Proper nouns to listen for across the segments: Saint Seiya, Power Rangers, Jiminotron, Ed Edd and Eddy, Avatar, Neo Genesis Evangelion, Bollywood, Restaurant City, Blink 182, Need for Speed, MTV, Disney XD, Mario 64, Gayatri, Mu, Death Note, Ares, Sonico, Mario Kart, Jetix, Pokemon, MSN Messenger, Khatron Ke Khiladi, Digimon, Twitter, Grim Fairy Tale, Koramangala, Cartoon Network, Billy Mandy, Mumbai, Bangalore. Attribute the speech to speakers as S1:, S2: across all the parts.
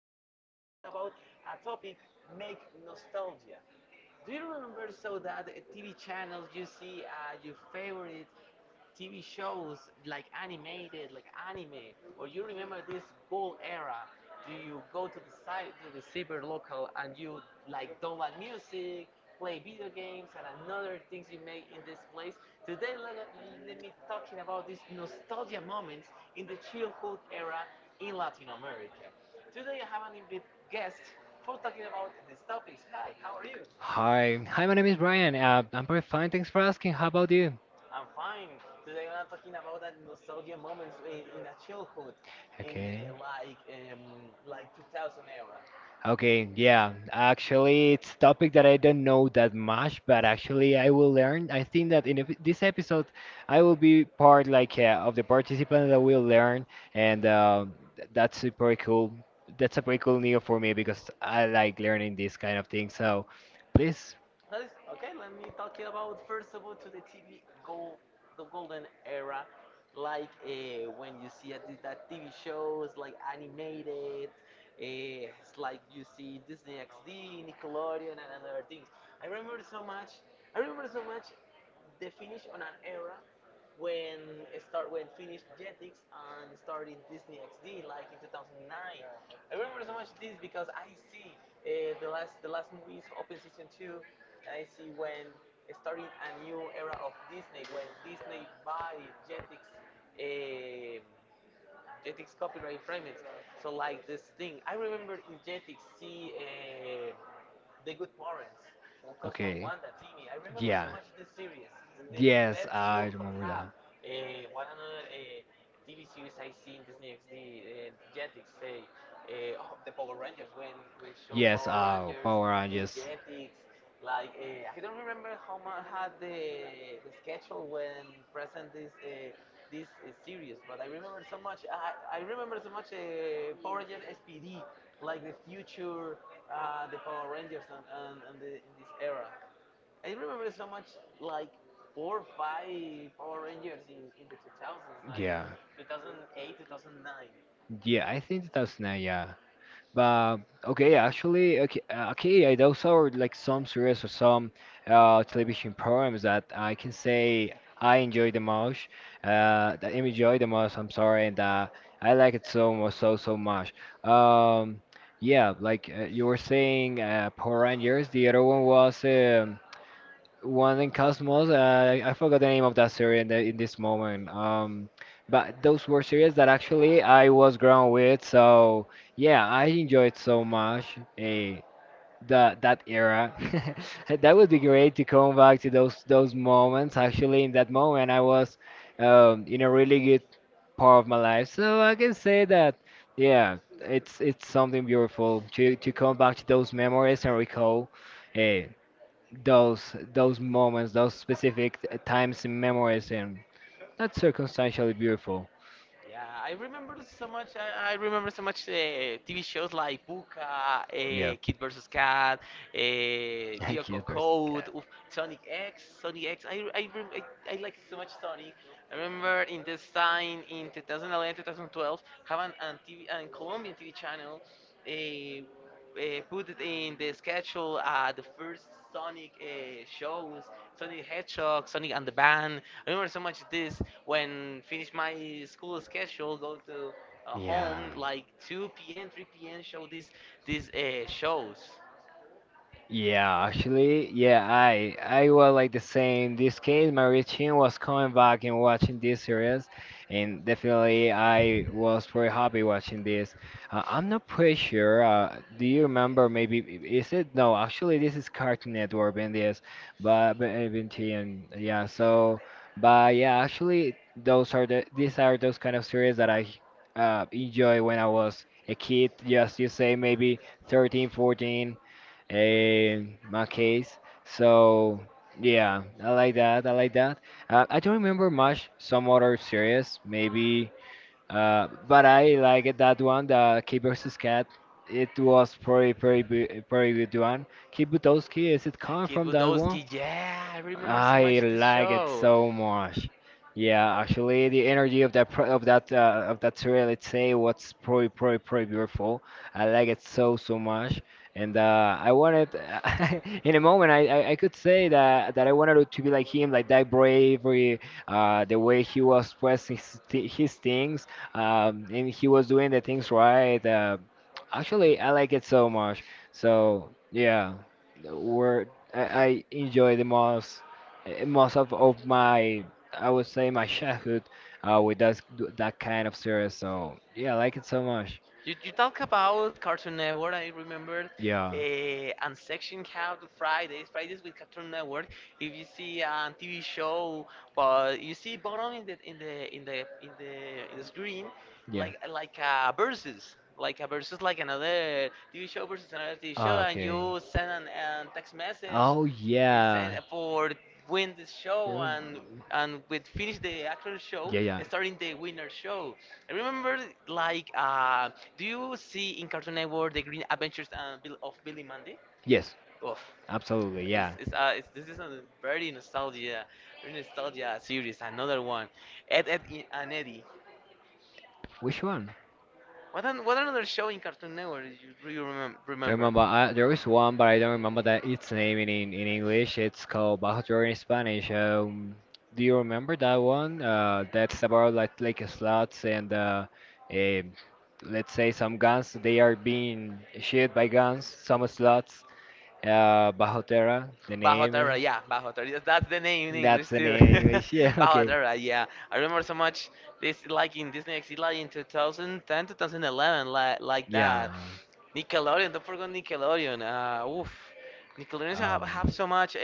S1: podcast we're gonna talking about a topic make nostalgia. Do you remember so that TV channels you see your favorite TV shows like animated, like anime, or you remember this cool era? Do you go to the site to the cyber local and you like download music play video games and another things you make in this place. Today, let me talking about these nostalgia moments in the childhood era in Latin America. Today, I have an invited guest for talking about these topics. Hi, how are you?
S2: Hi, my name is Brian. I'm pretty fine, thanks for asking. How about you?
S1: I'm fine. Today, I'm talking about that nostalgia moments in the childhood in
S2: Okay.
S1: the um, like 2000 era.
S2: Okay, yeah. Actually, it's topic that I don't know that much, but actually I will learn. I think that this episode, I will be part like of the participants that will learn, and that's a pretty cool. That's a pretty cool new for me because I like learning this kind of thing. So please?
S1: That is okay. Let me talk it about first of all to the TV gold, the golden era, like when you see at this, that TV shows like animated, it's like you see Disney XD, Nickelodeon, and other things. I remember so much. I remember so much the finish on an era when it start when finished Jetix and started Disney XD like in 2009. I remember so much this because I see the last movies open season two and I see when starting a new era of Disney when Disney buy Jetix, eh, Jetix copyright infringements. So like this thing, I remember in Jetix see, the good parents, or Cosmo and
S2: Okay.
S1: Wanda, Timmy. I remember
S2: Yeah.
S1: so much this series. It's the
S2: Yes,
S1: best
S2: I
S1: shield could
S2: remember that.
S1: have. One another TV series I see in Disney XD, Jetix, say, oh, the Power Rangers, when show
S2: Yes,
S1: Power Rangers
S2: Power
S1: in
S2: Rangers.
S1: Jetix. Like, I don't remember how much had the schedule when present this is serious, but I remember so much. I remember so much Power Rangers SPD, like the future, the Power Rangers, and in this era. I remember so much like four or five Power Rangers in the 2000s, like
S2: Yeah.
S1: 2008, 2009.
S2: Yeah, I think 2009, yeah. But okay, actually, okay, okay, I those are like some series or some television programs that I can say I enjoy the most. That I enjoy the most. I'm sorry, and I like it so much, so much. Um, yeah, like you were saying, Power Rangers. The other one was one in Cosmos. I forgot the name of that series in this moment. But those were series that actually I was grown with. So yeah, I enjoyed so much that era. That would be great to come back to those moments. Actually, in that moment, I was in a really good part of my life. So I can say that yeah, it's something beautiful to come back to those memories and recall. Eh, those moments, those specific times and memories, and that's circumstantially beautiful.
S1: Yeah, I remember so much. I remember so much TV shows like Puka,
S2: Yeah,
S1: Kid vs. Cat,
S2: I
S1: Dioco
S2: can't pers- God.
S1: Code, oof, Sonic X, Sonic X. I like so much Sonic. I remember in this time in 2011, 2012, having an TV, an Colombian TV channel. Uh, put it in the schedule the first Sonic shows, Sonic Hedgehog, Sonic and the Band, I remember so much this when finish my school schedule, go to
S2: Yeah.
S1: home like 2 p.m., 3 p.m. show these shows.
S2: Yeah, actually, yeah, I was like the same. This case, my routine was coming back and watching this series, and definitely I was very happy watching this. I'm not pretty sure. Do you remember? Maybe is it? No, actually, this is Cartoon Network and this, but BT and yeah. So, but yeah, actually, those are the these are those kind of series that I enjoy when I was a kid. Just you say maybe 13, 14 in my case. So yeah, I like that. I like that. I don't remember much some other series, maybe, but I like that one, the Kid versus Cat. It was pretty, pretty, pretty good one. Kid Butowski, is it coming
S1: Kid
S2: from that one?
S1: Budowski, yeah, I remember so
S2: I
S1: much this
S2: like it
S1: show.
S2: so much. Yeah, actually, the energy of that of that trail, let's say, was pretty pretty beautiful. I like it so much, and I wanted in a moment I could say that I wanted to be like him, like that bravery, the way he was expressing his things, and he was doing the things right. Actually, I like it so much. So yeah, we're I enjoy the most of my I would say my childhood with that kind of series. So yeah, I like it so much.
S1: You talk about Cartoon Network, I remember,
S2: Yeah.
S1: and Section had Fridays, with Cartoon Network. If you see a TV show, but you see bottom in the screen,
S2: Yeah.
S1: like a versus, like another TV show versus another TV show,
S2: Ah,
S1: and
S2: okay.
S1: you send an text message,
S2: Oh
S1: you send
S2: yeah.
S1: for win this show
S2: Mm.
S1: and with finish the actual show,
S2: Yeah, yeah.
S1: starting the winner show. I remember, like, do you see in Cartoon Network the Green Adventures of Billy Mandy?
S2: Yes,
S1: Oof.
S2: absolutely,
S1: It's,
S2: yeah.
S1: it's, uh, it's, this is a very nostalgia series. Another one, Ed and Eddie.
S2: Which one?
S1: What another show in Cartoon Network
S2: Do you
S1: remember?
S2: remember? There is one, but I don't remember that its name in English. It's called Bajo Terror in Spanish. Do you remember that one? That's about like slots and eh, let's say some guns. They are being shot by guns. Some slots. Bajo Terra, the
S1: Bajo
S2: name. Eh?
S1: Terra, yeah, Bajo Terra. That's the name in
S2: That's
S1: English
S2: the
S1: too.
S2: name in English. Yeah.
S1: Bajo
S2: Okay.
S1: Terra, yeah. I remember so much this like in Disney XD like in 2010, 2011, like
S2: Yeah.
S1: that. Nickelodeon, don't forget Nickelodeon. Oof. Nickelodeon
S2: Um.
S1: have so much. Uh,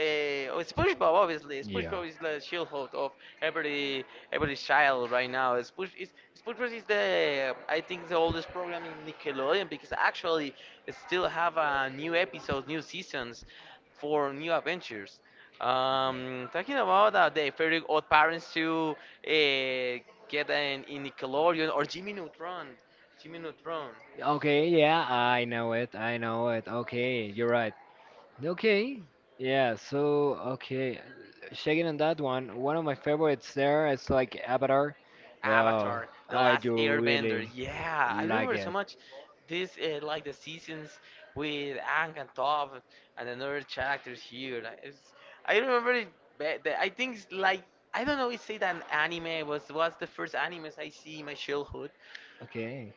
S1: oh, SpongeBob, obviously.
S2: Yeah.
S1: SpongeBob is the shield host of every every child right now. SpongeBob is the I think the oldest program in Nickelodeon because actually it still have new episodes, new seasons for new adventures. Talking about the very odd parents to uh, get an in Nickelodeon or Jimmy Neutron, Jimmy Neutron,
S2: Jiminotron. Okay, yeah, I know it. I know it. Okay, you're right. Okay. Yeah, so okay, checking on that one. One of my favorites there is like Avatar. Yeah,
S1: Avatar, The
S2: I
S1: Last
S2: do
S1: Airbender.
S2: really
S1: Yeah, I
S2: like
S1: remember so
S2: it.
S1: much this like the seasons with Ang and Top and another characters here. I remember it. I think it's like I don't know. It's say that anime was the first animes I see in my childhood.
S2: Okay.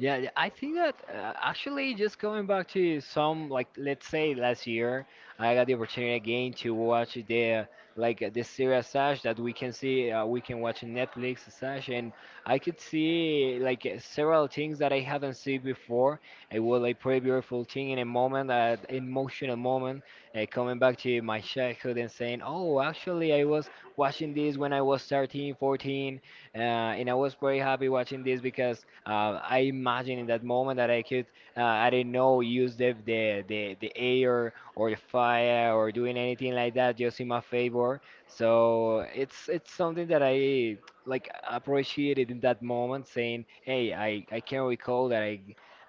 S2: Yeah, yeah, I think that actually just going back to some like let's say last year I got the opportunity again to watch the like the series Sash that we can see we can watch on Netflix Sash and I could see like several things that I haven't seen before. It was like pretty beautiful thing in a moment, an emotional moment, coming back to my childhood and saying, "Oh, actually I was watching this when I was 13, 14 and I was very happy watching this because I imagine in that moment that I could, I didn't know, use the air or the fire or doing anything like that just in my favor. So it's something that I like appreciated in that moment, saying, "Hey, I can recall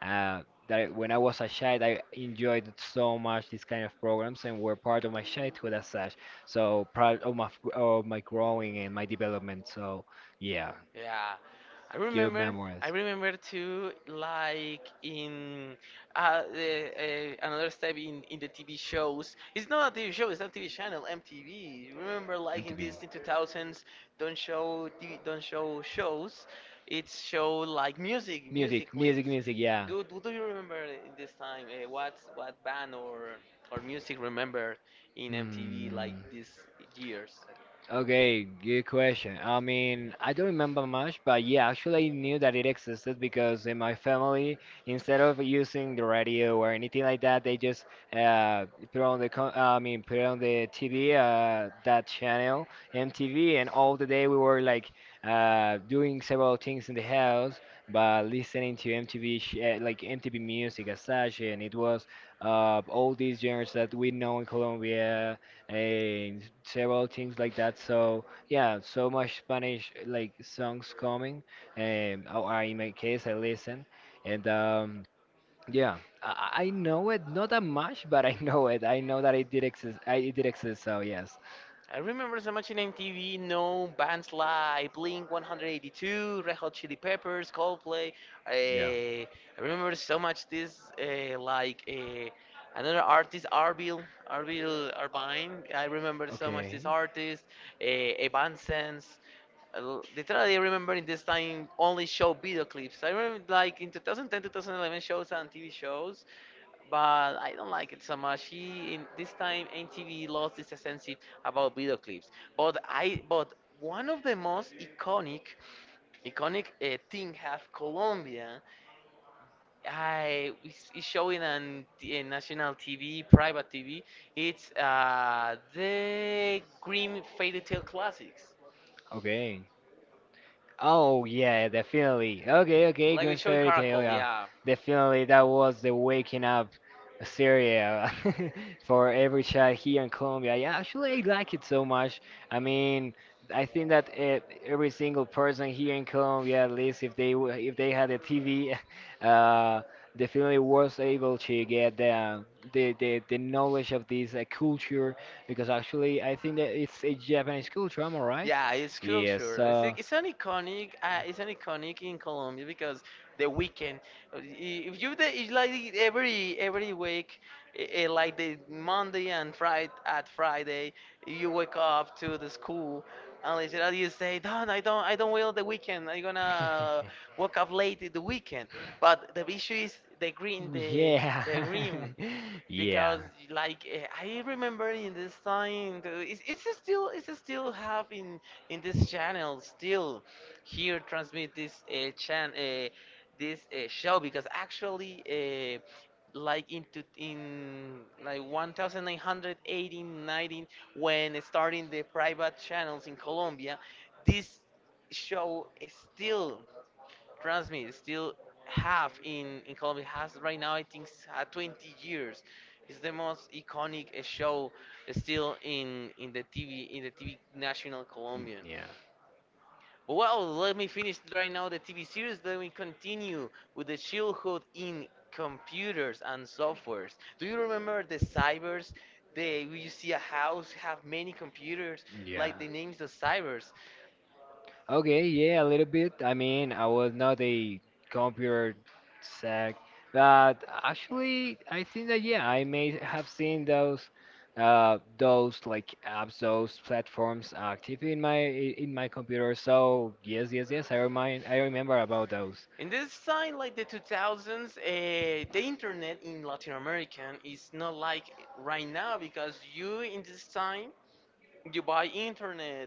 S2: uh, that I, when I was a child, I enjoyed it so much these kind of programs and were part of my childhood as such. So proud of my growing and my development. So yeah,
S1: Yeah, I
S2: good
S1: remember. I
S2: memories.
S1: remember too, like in another step in the TV shows. It's not a TV show. It's a TV channel, MTV. Remember, like in this
S2: MTV.
S1: in 2000s, don't show TV, don't show shows. It's show like music clips.
S2: Music, yeah.
S1: Do you remember in this time what band or music remember in MTV like
S2: Mm.
S1: these years?
S2: Okay, good question. I mean, I don't remember much, but yeah, actually I knew that it existed because in my family, instead of using the radio or anything like that, they just uh, put on the TV that channel, MTV, and all the day we were like doing several things in the house, but listening to MTV, sh like MTV music as such, and it was all these genres that we know in Colombia and several things like that. So yeah, so much Spanish like songs coming. In my case, I listen, and yeah, I know it not that much, but I know it. I know that it did exist. I, it did exist. So yes.
S1: I remember so much in MTV, no bands like Blink 182, Red Hot Chili Peppers, Coldplay. Uh,
S2: Yeah.
S1: I remember so much this like another artist, Arbil Arbine. I remember so much
S2: Okay.
S1: this artist, Evanescence. Literally, I remember in this time only show video clips. I remember like in 2010, 2011 shows and TV shows but I don't like it so much. He in this time MTV lost its essence about video clips. But one of the most iconic thing have Colombia. I is showing in national TV, private TV. It's the Grimm Fairy Tale Classics.
S2: Okay. Oh yeah, definitely. Okay, okay,
S1: Like we are
S2: Grim
S1: showing
S2: Fairy Tale,
S1: Caracol,
S2: yeah.
S1: yeah.
S2: Definitely that was the waking up serial for every child here in Colombia. Yeah, actually I like it so much. I mean, I think that every single person here in Colombia, at least if they had a TV, uh, definitely was able to get the the knowledge of this culture because actually I think that it's a Japanese culture, am I right?
S1: Yeah, it's
S2: Yes,
S1: culture.
S2: so
S1: It's an iconic. It's an iconic in Colombia because the weekend. uh, i- If you it's like every week, like the Monday and Friday at Friday, you wake up to the school. And literally you say, Don, I don't will the weekend. I'm gonna wake up late in the weekend. But the issue is
S2: Yeah.
S1: the green
S2: Yeah.
S1: because like I remember in this time it's still having in this channel still here transmit this chan this show because actually like into in like 1918 19 when starting the private channels in Colombia this show is still trust me, still have in Colombia has right now I think 20 years. It's the most iconic show still in the TV national Colombian.
S2: Yeah.
S1: But well, let me finish right now the TV series. Let me continue with the childhood in computers and softwares. Do you remember the cybers? They, you see a house have many computers, like the names of cybers.
S2: Okay, yeah, a little bit. I mean, I was not a computer tech, but actually, I think that yeah, I may have seen those like apps, those platforms active in my computer. So yes, yes, yes, I remember about those.
S1: In this time, like the 2000s, the internet in Latin American is not like right now because you in this time you buy internet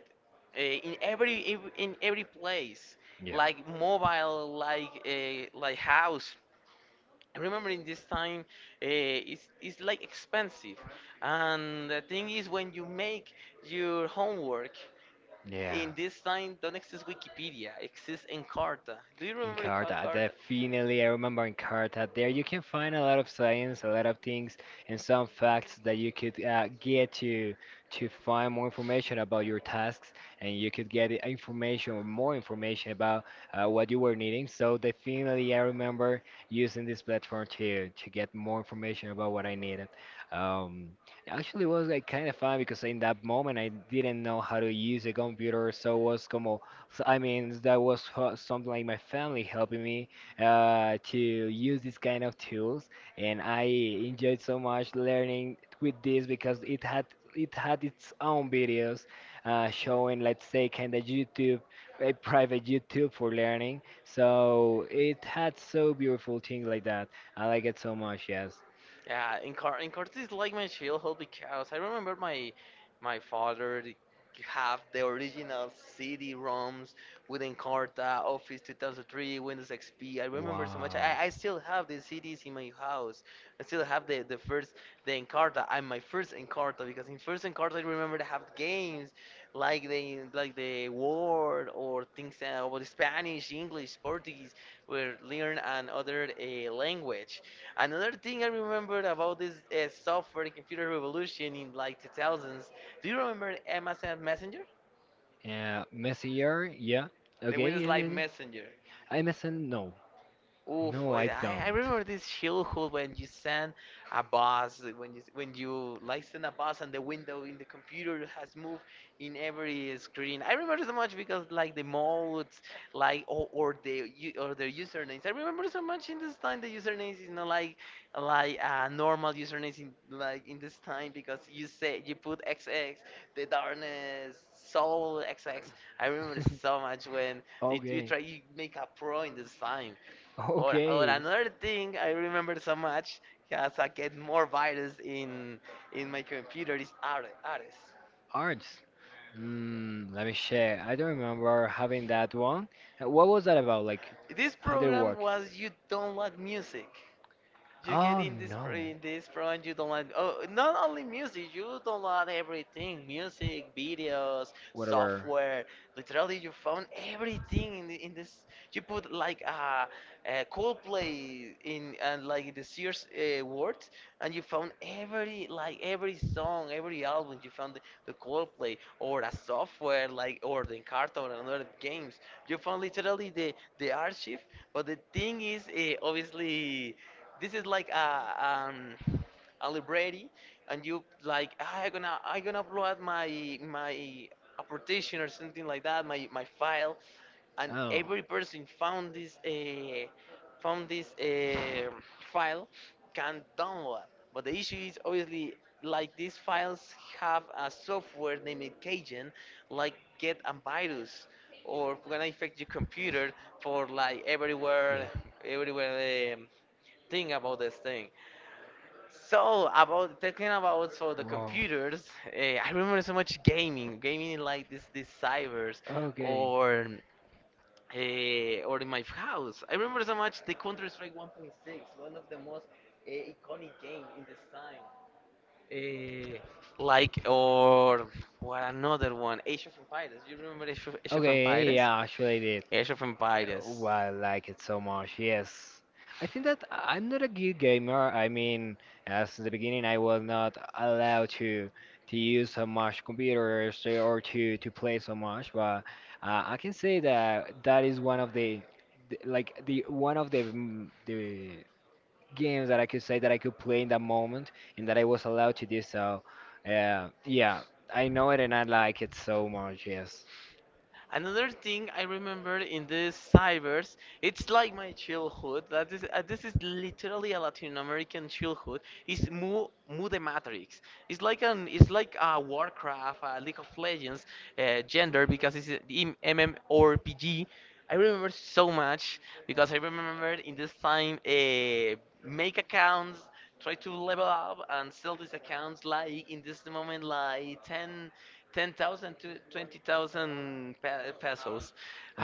S1: in every in every place,
S2: Yeah.
S1: like mobile, like house. I remember in this time it's like expensive, and the thing is when you make your homework
S2: Yeah.
S1: in this time don't exist Wikipedia, exists Encarta. Do you
S2: In
S1: remember
S2: Encarta,
S1: Encarta?
S2: definitely. I remember in Encarta. There you can find a lot of science, a lot of things, and some facts that you could get to find more information about your tasks, and you could get information or more information about what you were needing. So definitely, I remember using this platform to get more information about what I needed. Um, actually, it was like kind of fun because in that moment I didn't know how to use a computer, so it was como I mean, that was something like my family helping me to use these kind of tools, and I enjoyed so much learning with this because it had its own videos showing, let's say, kind of YouTube, a private YouTube for learning. So it had so beautiful things like that. I like it so much. Yes.
S1: Yeah, in Cortes is like my childhood because I remember my father have the original CD ROMs with Encarta, Office 2003, Windows XP. I remember so
S2: Wow.
S1: much. I still have the CDs in my house. I still have the Encarta. I'm my first Encarta because in first Encarta I remember they have games like the word or things about Spanish, English, Portuguese, where learn another language. Another thing I remember about this software and computer revolution in like 2000s. Do you remember MSN Messenger?
S2: Messenger, yeah.
S1: The
S2: Okay,
S1: Windows
S2: yeah,
S1: Live
S2: yeah, yeah.
S1: Messenger.
S2: MSN, no.
S1: Oof,
S2: No,
S1: oh,
S2: I
S1: yeah, I,
S2: don't.
S1: I remember this childhood when you send a bus, when you like send a bus and the window in the computer has moved in every screen. I remember so much because like the modes, like or or their usernames. I remember so much in this time the usernames is not like normal usernames in like in this time because you say you put XX, the darkness, soul XX. I remember so much when you
S2: Okay.
S1: try you make a pro in this time. Or
S2: Okay.
S1: another thing I remember so much as I get more virus in my computer is Ares. Ares.
S2: Arts. Mm, let me share. I don't remember having that one. What was that about? Like,
S1: This
S2: how did it
S1: program
S2: work?
S1: was you download music. You get
S2: Oh, no.
S1: in this program, you don't like oh, not only music, you don't like everything, music, videos,
S2: Whatever.
S1: software, literally your phone, everything in this. You put like a Coldplay in and like the Sears word, and you found every every song, every album. You found the Coldplay or a software like or the cartoon and other games. You found literally the archive, but the thing is, obviously. This is like um, a library, and you like "Ah, I gonna upload my application or something like that, my file, and
S2: Oh. Yeah.
S1: every person found this file can download." But the issue is obviously like these files have a software named Cajun, like get a virus or gonna infect your computer for like everywhere everywhere. Think about this thing. So about talking about so the
S2: Wow.
S1: computers, I remember so much gaming in like this these cybers
S2: Okay.
S1: or or in my house. I remember so much the Counter Strike 1.6, one of the most iconic game in this time. Eh, like or what another one, Age of Empires. You remember Age of
S2: Okay,
S1: Empires?
S2: yeah, actually, the
S1: Age of Empires.
S2: why I like it so much, yes. I think that I'm not a good gamer. I mean, as in the beginning, I was not allowed to use so much computers or to play so much. But I can say that that is one of the like the one of the the games that I could say that I could play in that moment and that I was allowed to do so. Yeah, I know it and I like it so much. Yes.
S1: Another thing I remember in this cybers, it's like my childhood. That is, this is literally a Latin American childhood. It's Mu the Matrix. It's like a Warcraft, a League of Legends, gender because it's MMORPG. I remember so much because I remember in this time, make accounts, try to level up and sell these accounts like in this moment like 10. 10,000 to 20,000 pesos.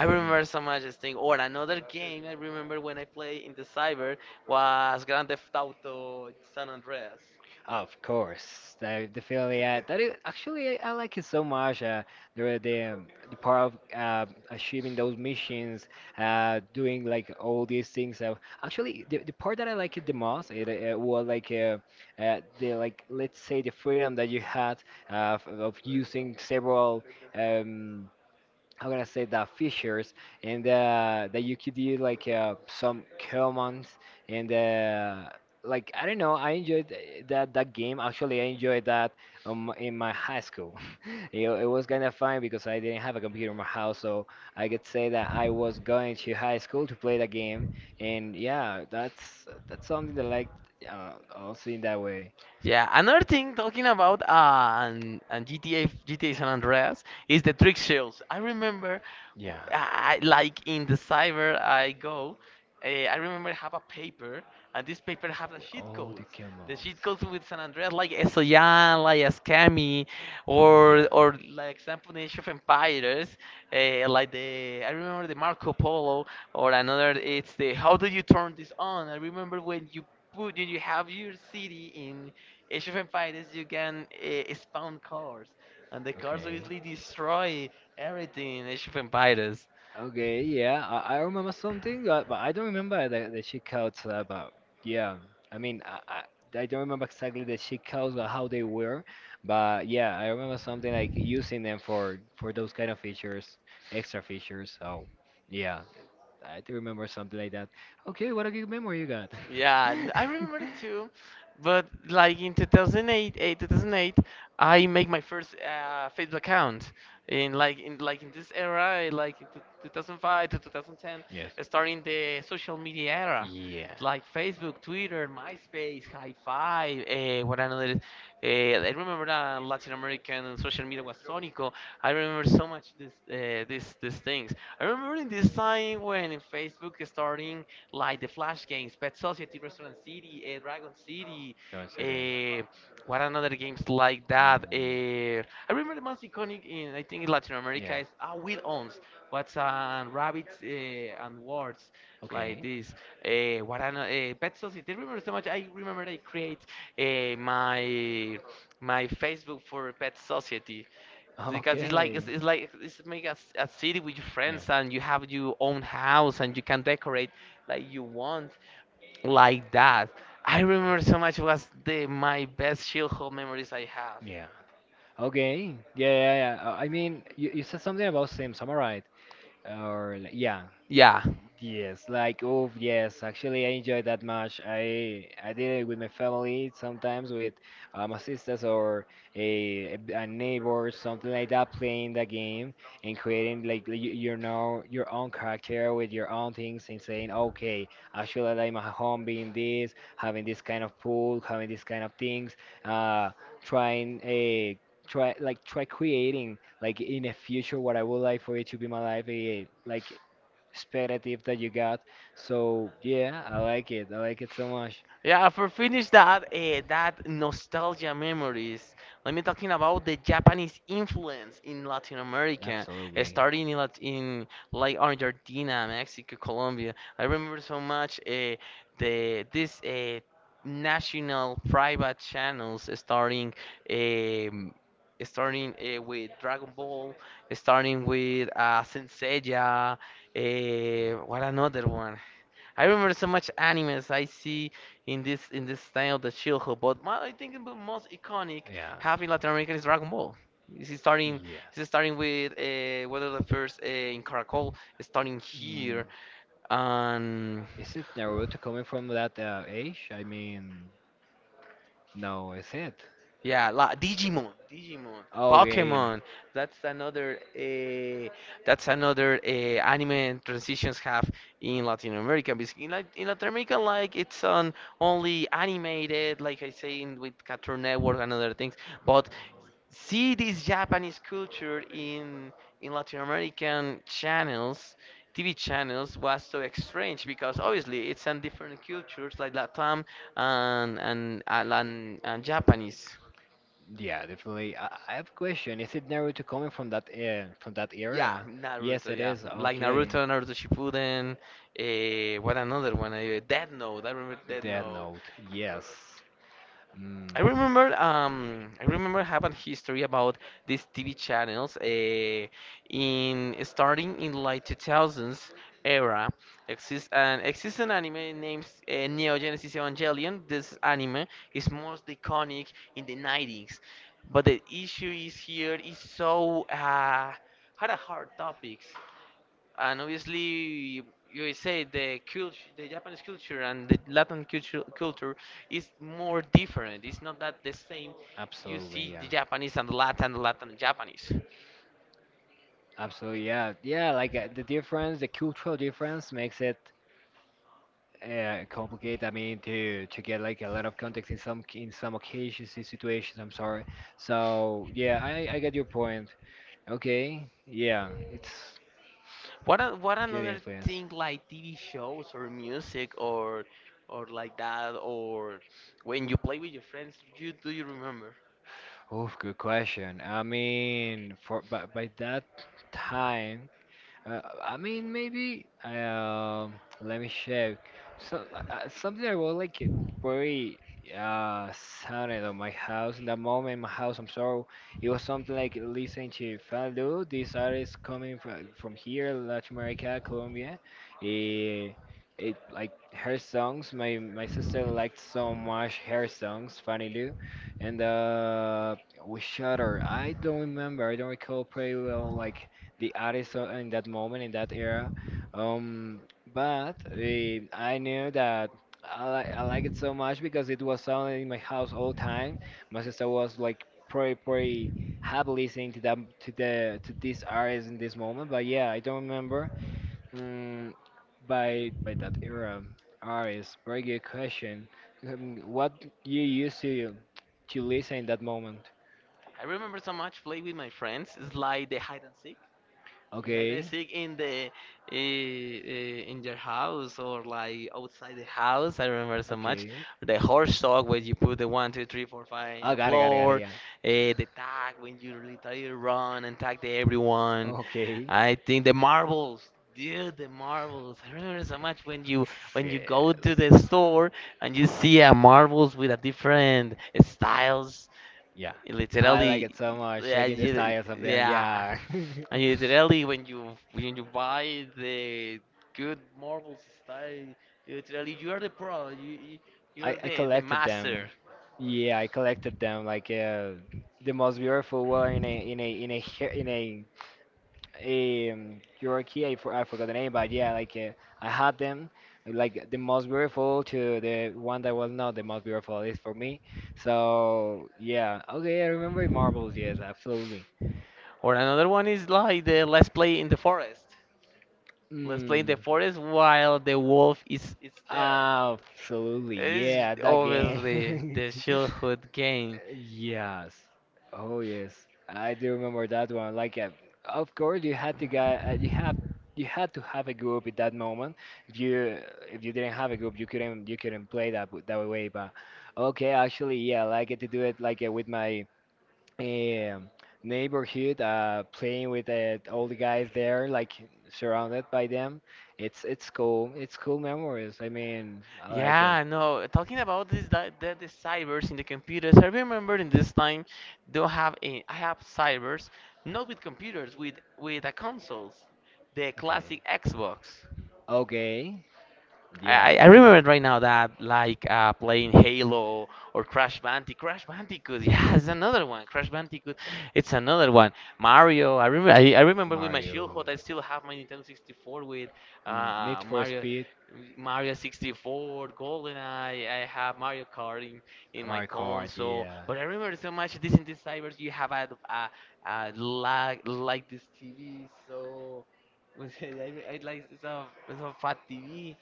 S1: I remember so much this thing. Or another game I remember when I played in the cyber was Grand Theft Auto San Andreas.
S2: Of course, the feeling that is actually I like it so much. The part of achieving those missions, doing like all these things. Actually, the part that I like it the most was like the like let's say the freedom that you had of using several. Um, how can I say that features and that you could do like some commands and like I don't know, I enjoyed that game. Actually, I enjoyed that in my high school. It was kind of fun because I didn't have a computer in my house, so I could say that I was going to high school to play that game. And yeah, that's something that I like, also in that way.
S1: Yeah, another thing talking about and GTA San Andreas is the trick shows. I remember,
S2: Yeah,
S1: like in the cyber I go, I remember I have a paper and this paper have the
S2: with
S1: cheat
S2: all the
S1: codes. The
S2: commands.
S1: cheat codes with San Andreas like Esoyan, like Ascami, or like example the Age of Empires, like the I remember the Marco Polo or another. It's the how do you turn this on? I remember when you put you have your city in Age of Empires, you can spawn cars, and the cars
S2: Okay.
S1: obviously destroy everything in Age of Empires.
S2: Okay, yeah, I, remember something, but I don't remember the, checkouts. But yeah, I mean, I don't remember exactly the checkouts or how they were, but yeah, I remember something like using them for those kind of features, extra features. So yeah, I do remember something like that. Okay, what a good memory you got.
S1: Yeah, I remember it too, but like in 2008, 2008, I make my first Facebook account in like in this era, like in 2005 to 2010,
S2: Yes.
S1: starting the social media era.
S2: Yeah.
S1: Like Facebook, Twitter, MySpace, High Five, what another
S2: Yo,
S1: is. I remember that Latin American social media was Sonico. I remember so much these things. I remember in this time when in Facebook starting like the Flash games, Pet Society, Restaurant City, Dragon City,
S2: en serio.
S1: uh, what another games like that.
S2: Mm,
S1: I remember the most iconic in I think in Latin America
S2: yeah.
S1: is Will Owns. What's on rabbits and words
S2: Like,
S1: like
S2: okay.
S1: this. What I know, Pet Society. I remember so much. I remember I create uh, my my Facebook for Pet Society because
S2: Okay.
S1: it's make a city with your
S2: Yeah.
S1: friends and you have your own house and you can decorate like you want like that. I remember so much was the my best childhood memories I have.
S2: Yeah. Okay. Yeah, yeah, yeah. I mean, you, said something about Sims. Am I right? Or like, yeah.
S1: Yeah.
S2: Yes, like oh yes, actually I enjoy that much. I did it with my family, sometimes with my sisters or a neighbor, something like that, playing the game and creating like y- you know, your own character with your own things and saying, okay, actually I like my home being this, having this kind of pool, having this kind of things, uh, trying a try, like try creating like in the future what I would like for it to be my life, eh, like speculative that you got. So yeah, I like it. I like it so much.
S1: Yeah, for finish that nostalgia memories. Let me talking about the Japanese influence in Latin America,
S2: Absolutely.
S1: in like Argentina, Mexico, Colombia. I remember so much the this national private channels um, starting with Dragon Ball, starting with Saint Seiya, what another one? I remember so much animes I see in this style of the childhood, but my, I think the most iconic
S2: Yeah.
S1: having Latin American is Dragon Ball. This is starting
S2: Yeah.
S1: this is starting with one of the first in Caracol, starting
S2: Mm.
S1: here, and
S2: Is it Naruto coming from that age? I mean, no, is it?
S1: yeah, la Digimon,
S2: Okay.
S1: Pokemon. That's another uh, that's another anime transitions have in Latin America. Because in Latin America, like it's on only animated, like I say, in, with Cartoon Network and other things. But see this Japanese culture in Latin American channels, TV channels was so strange because obviously it's in different cultures like Latam and Japanese.
S2: Yeah, definitely. I, have a question. Is it Naruto coming from that
S1: Yeah,
S2: era? Yes,
S1: Naruto.
S2: it
S1: Yeah,
S2: is.
S1: like
S2: Okay.
S1: Naruto Shippuden. What another one? Death Note. I remember Death
S2: Death
S1: Note.
S2: Note. Yes. Mm,
S1: I remember. I remember having history about these TV channels. In Starting in like 2000s era, exists an anime named Neo Genesis Evangelion. This anime is most iconic in the 90s, but the issue is here is so had a hard topics and obviously you say the japanese culture and the latin culture is more different, it's not that the same. You
S2: absolutely.
S1: see
S2: Yeah.
S1: the japanese and the latin, the latin and japanese.
S2: Absolutely, yeah, yeah. Like the difference, the cultural difference makes it complicated. I mean, to get like a lot of context in some occasions, in situations. I'm sorry. So yeah, I get your point. Okay, yeah, it's
S1: What what
S2: get
S1: another
S2: influence.
S1: thing like TV shows or music or like that, or when you play with your friends, do you remember?
S2: Oof, good question. I mean, for by that time. I mean, maybe. Let me check. So something I was like it very uh sounded on my house in that moment. My house, I'm sorry. It was something like listening to Faldo. This artist coming from here, Latin America, Colombia. It, it like her songs. My sister liked so much her songs, Fanny Lou, and we shut her. I don't remember. I don't recall pretty well like the artist o- in that moment in that era. Um, but I knew that I like it so much because it was sounding in my house all the time. My sister was like pretty happy listening to them, to the to this artist in this moment. But yeah, I don't remember, mm, by that era, artist. Very good question. What you used to listen in that moment?
S1: I remember so much play with my friends. It's like the hide and seek. Like I
S2: Okay.
S1: think in the in your house or like outside the house. I remember so much
S2: Okay.
S1: the horse sock where you put the one, two, three, four, five in
S2: Oh,
S1: the
S2: got it, got it, got it.
S1: floor,
S2: Yeah.
S1: the tag when you literally run and tag the everyone.
S2: Okay.
S1: I think the marbles, dude, the marbles. I remember so much when you go
S2: Shit.
S1: to the store and you see a marbles with a different styles.
S2: Yeah.
S1: You
S2: I like it
S1: literally,
S2: so much.
S1: yeah,
S2: Checking the
S1: you,
S2: styles of them.
S1: yeah.
S2: Yeah.
S1: And you literally, when you buy the good marbles style, you literally you are the pro.
S2: I,
S1: You're the
S2: collected
S1: master.
S2: them. Yeah, I collected them like the most beautiful one in a in a hair-, in a your I, for, I forgot the name, but yeah, like I had them like the most beautiful to the one that was not the most beautiful, at least for me. So yeah, okay, I remember marbles, yes, absolutely.
S1: Or another one is like the let's play in the forest. Let's play in
S2: Mm,
S1: the forest while the wolf is there.
S2: absolutely,
S1: It's
S2: yeah, that
S1: obviously
S2: game.
S1: the childhood.
S2: Yes. Oh yes. I do remember that one. Like, of course, you had to get, you had to have a group at that moment. If you, if you didn't have a group, you couldn't play that w- that way. But okay, actually, yeah, I get to do it like with my um neighborhood, playing with all the guys there, like surrounded by them. It's cool. It's cool memories. I mean, I like it.
S1: Yeah, no, talking about this that, that the cybers in the computers, I remember in this time don't have a, I have cybers not with computers with the consoles, the
S2: Okay.
S1: classic Xbox.
S2: Okay.
S1: I remember right now that like playing Halo or Crash Bandicoot. Crash Bandicoot, yeah, it's another one. Crash Bandicoot, it's another one. Mario, I remember. I remember with my
S2: Mario,
S1: childhood, I still have my Nintendo 64 with
S2: Need for
S1: Mario,
S2: Speed,
S1: Mario 64, GoldenEye. I have Mario Kart in my
S2: Mario Kart,
S1: console.
S2: yeah.
S1: But I remember so much. This in this cybers, you have a lag like this TV. So I like it's a fat TV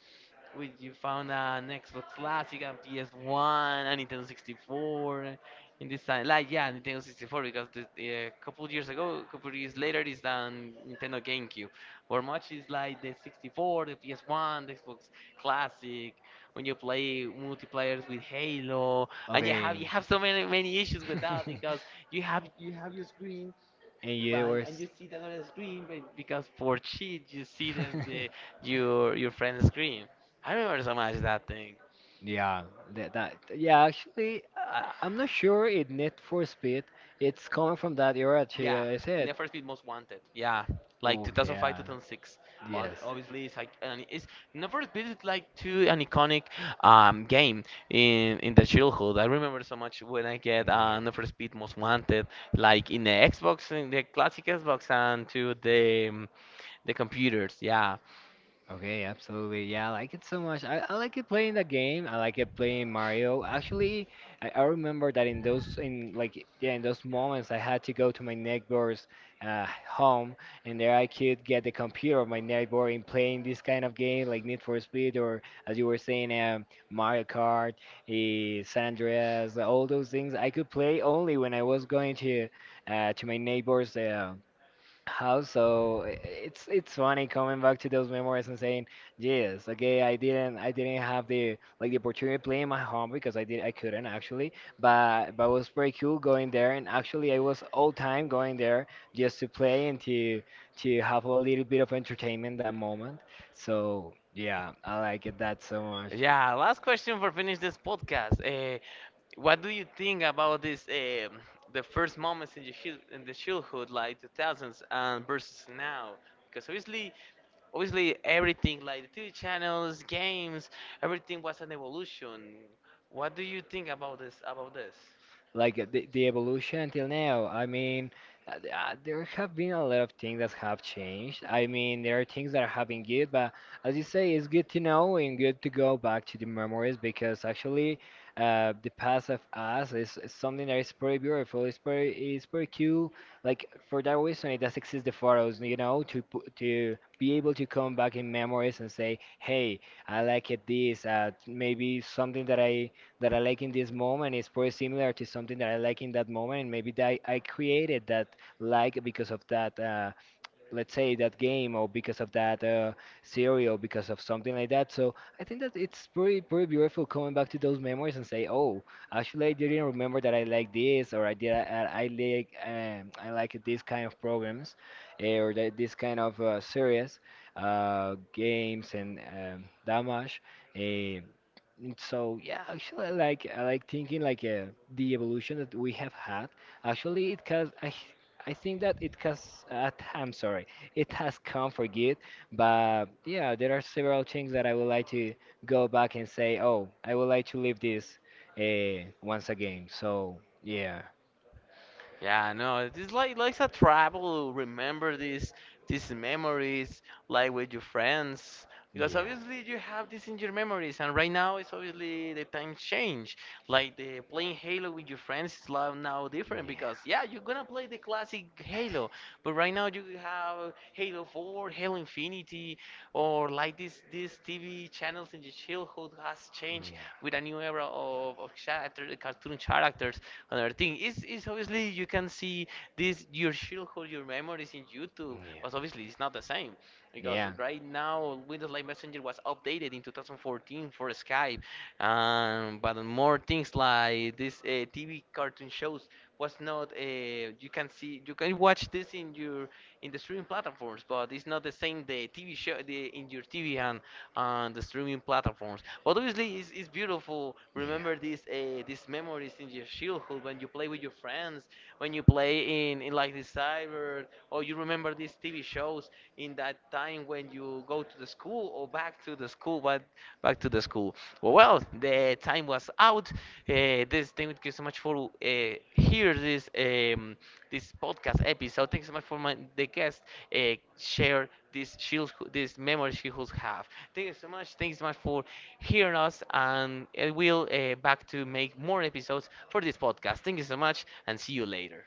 S1: which you found on Xbox Classic and PS1 and Nintendo 64 in this time. Like yeah, Nintendo 64 because a couple years ago, a couple years later, is on Nintendo GameCube. Or much is like the 64, the PS1, the Xbox Classic. When you play multiplayers with Halo, and
S2: Okay.
S1: you have so many issues with that because you have your screen.
S2: And you
S1: Right,
S2: were
S1: and
S2: s-.
S1: you see that on the other screen but because for cheat you see the your friend's screen. I remember so much that thing.
S2: Yeah, that, that yeah. Actually, I'm not sure. It Need for Speed. It's coming from that era. Actually,
S1: Yeah,
S2: I said.
S1: Need for Speed Most Wanted. Yeah, like
S2: Oh
S1: 2005,
S2: yeah.
S1: 2006. But
S2: Yes.
S1: obviously it's like and it's Need for Speed is like too an iconic game in the childhood. I remember so much when I get Need for Speed Most Wanted, like in the Xbox, in the classic Xbox, and to the computers. Yeah.
S2: Okay, absolutely. Yeah, I like it so much. I, like it playing the game. I like it playing Mario. Actually, I, remember that in those in like yeah, in those moments I had to go to my neighbor's home, and there I could get the computer of my neighbor and playing this kind of game like Need for Speed, or as you were saying, Mario Kart, eh, San Andreas, all those things I could play only when I was going to my neighbor's, how so i-, it's funny coming back to those memories and saying yes, okay, I didn't, have the, like, the opportunity to play in my home, because I did, I couldn't actually. But it was pretty cool going there, and actually I was all time going there just to play and to have a little bit of entertainment that moment. So yeah, I like it that so much.
S1: Yeah, last question for finish this podcast. What do you think about this? The first moments in the in the childhood, like 2000s, and versus now, because obviously everything like the TV channels, games, everything was an evolution. What do you think about this?
S2: Like the, evolution until now. I mean, there have been a lot of things that have changed. I mean, there are things that have been good, but as you say, it's good to know and good to go back to the memories, because actually, the past of us is, something that is pretty beautiful. It's pretty cool. Like for that reason, it does exist the photos, you know, to pu- to be able to come back in memories and say, hey, I like it this. Maybe something that I like in this moment is pretty similar to something that I like in that moment, and maybe that I created that like because of that. Let's say that game, or because of that series, or because of something like that. So I think that it's pretty beautiful coming back to those memories and say, oh, actually I didn't remember that I like this, or I did I like I like these kind of programs, eh, or that this kind of series, games and damage, eh, mm. So yeah, actually, I like thinking like the evolution that we have had. Actually, it has, I think that it has, I'm sorry, it has come for good. But yeah, there are several things that I would like to go back and say, oh, I would like to live this once again. So yeah,
S1: Yeah, no, it's like a travel. Remember these memories, like with your friends, because
S2: yeah.
S1: obviously you have this in your memories, and right now it's obviously the times change. Like the playing Halo with your friends is now different because
S2: Yeah.
S1: yeah, you're gonna play the classic Halo, but right now you have Halo 4, Halo Infinity, or like this these TV channels in your childhood has changed with a new era of character, cartoon characters. Another thing is obviously you can see this your childhood, your memories in youtube, but obviously it's not the same
S2: Because
S1: because
S2: yeah.
S1: right now windows live messenger was updated in 2014 for skype. But more things like this tv cartoon shows was not you can see, you can watch this in your in the streaming platforms, but it's not the same the TV show the, in your TV and the streaming platforms. But obviously, it's beautiful. Remember these memories in your childhood when you play with your friends, when you play in like the cyber, or you remember these TV shows in that time when you go to the school or back to the school. But back to the school. Well, well the time was out. This thank you so much for hear this this podcast episode. Thanks so much for my, the guest share this shield this memory she has have. Thank you so much. Thanks so much for hearing us, and I will back to make more episodes for this podcast. Thank you so much, and see you later.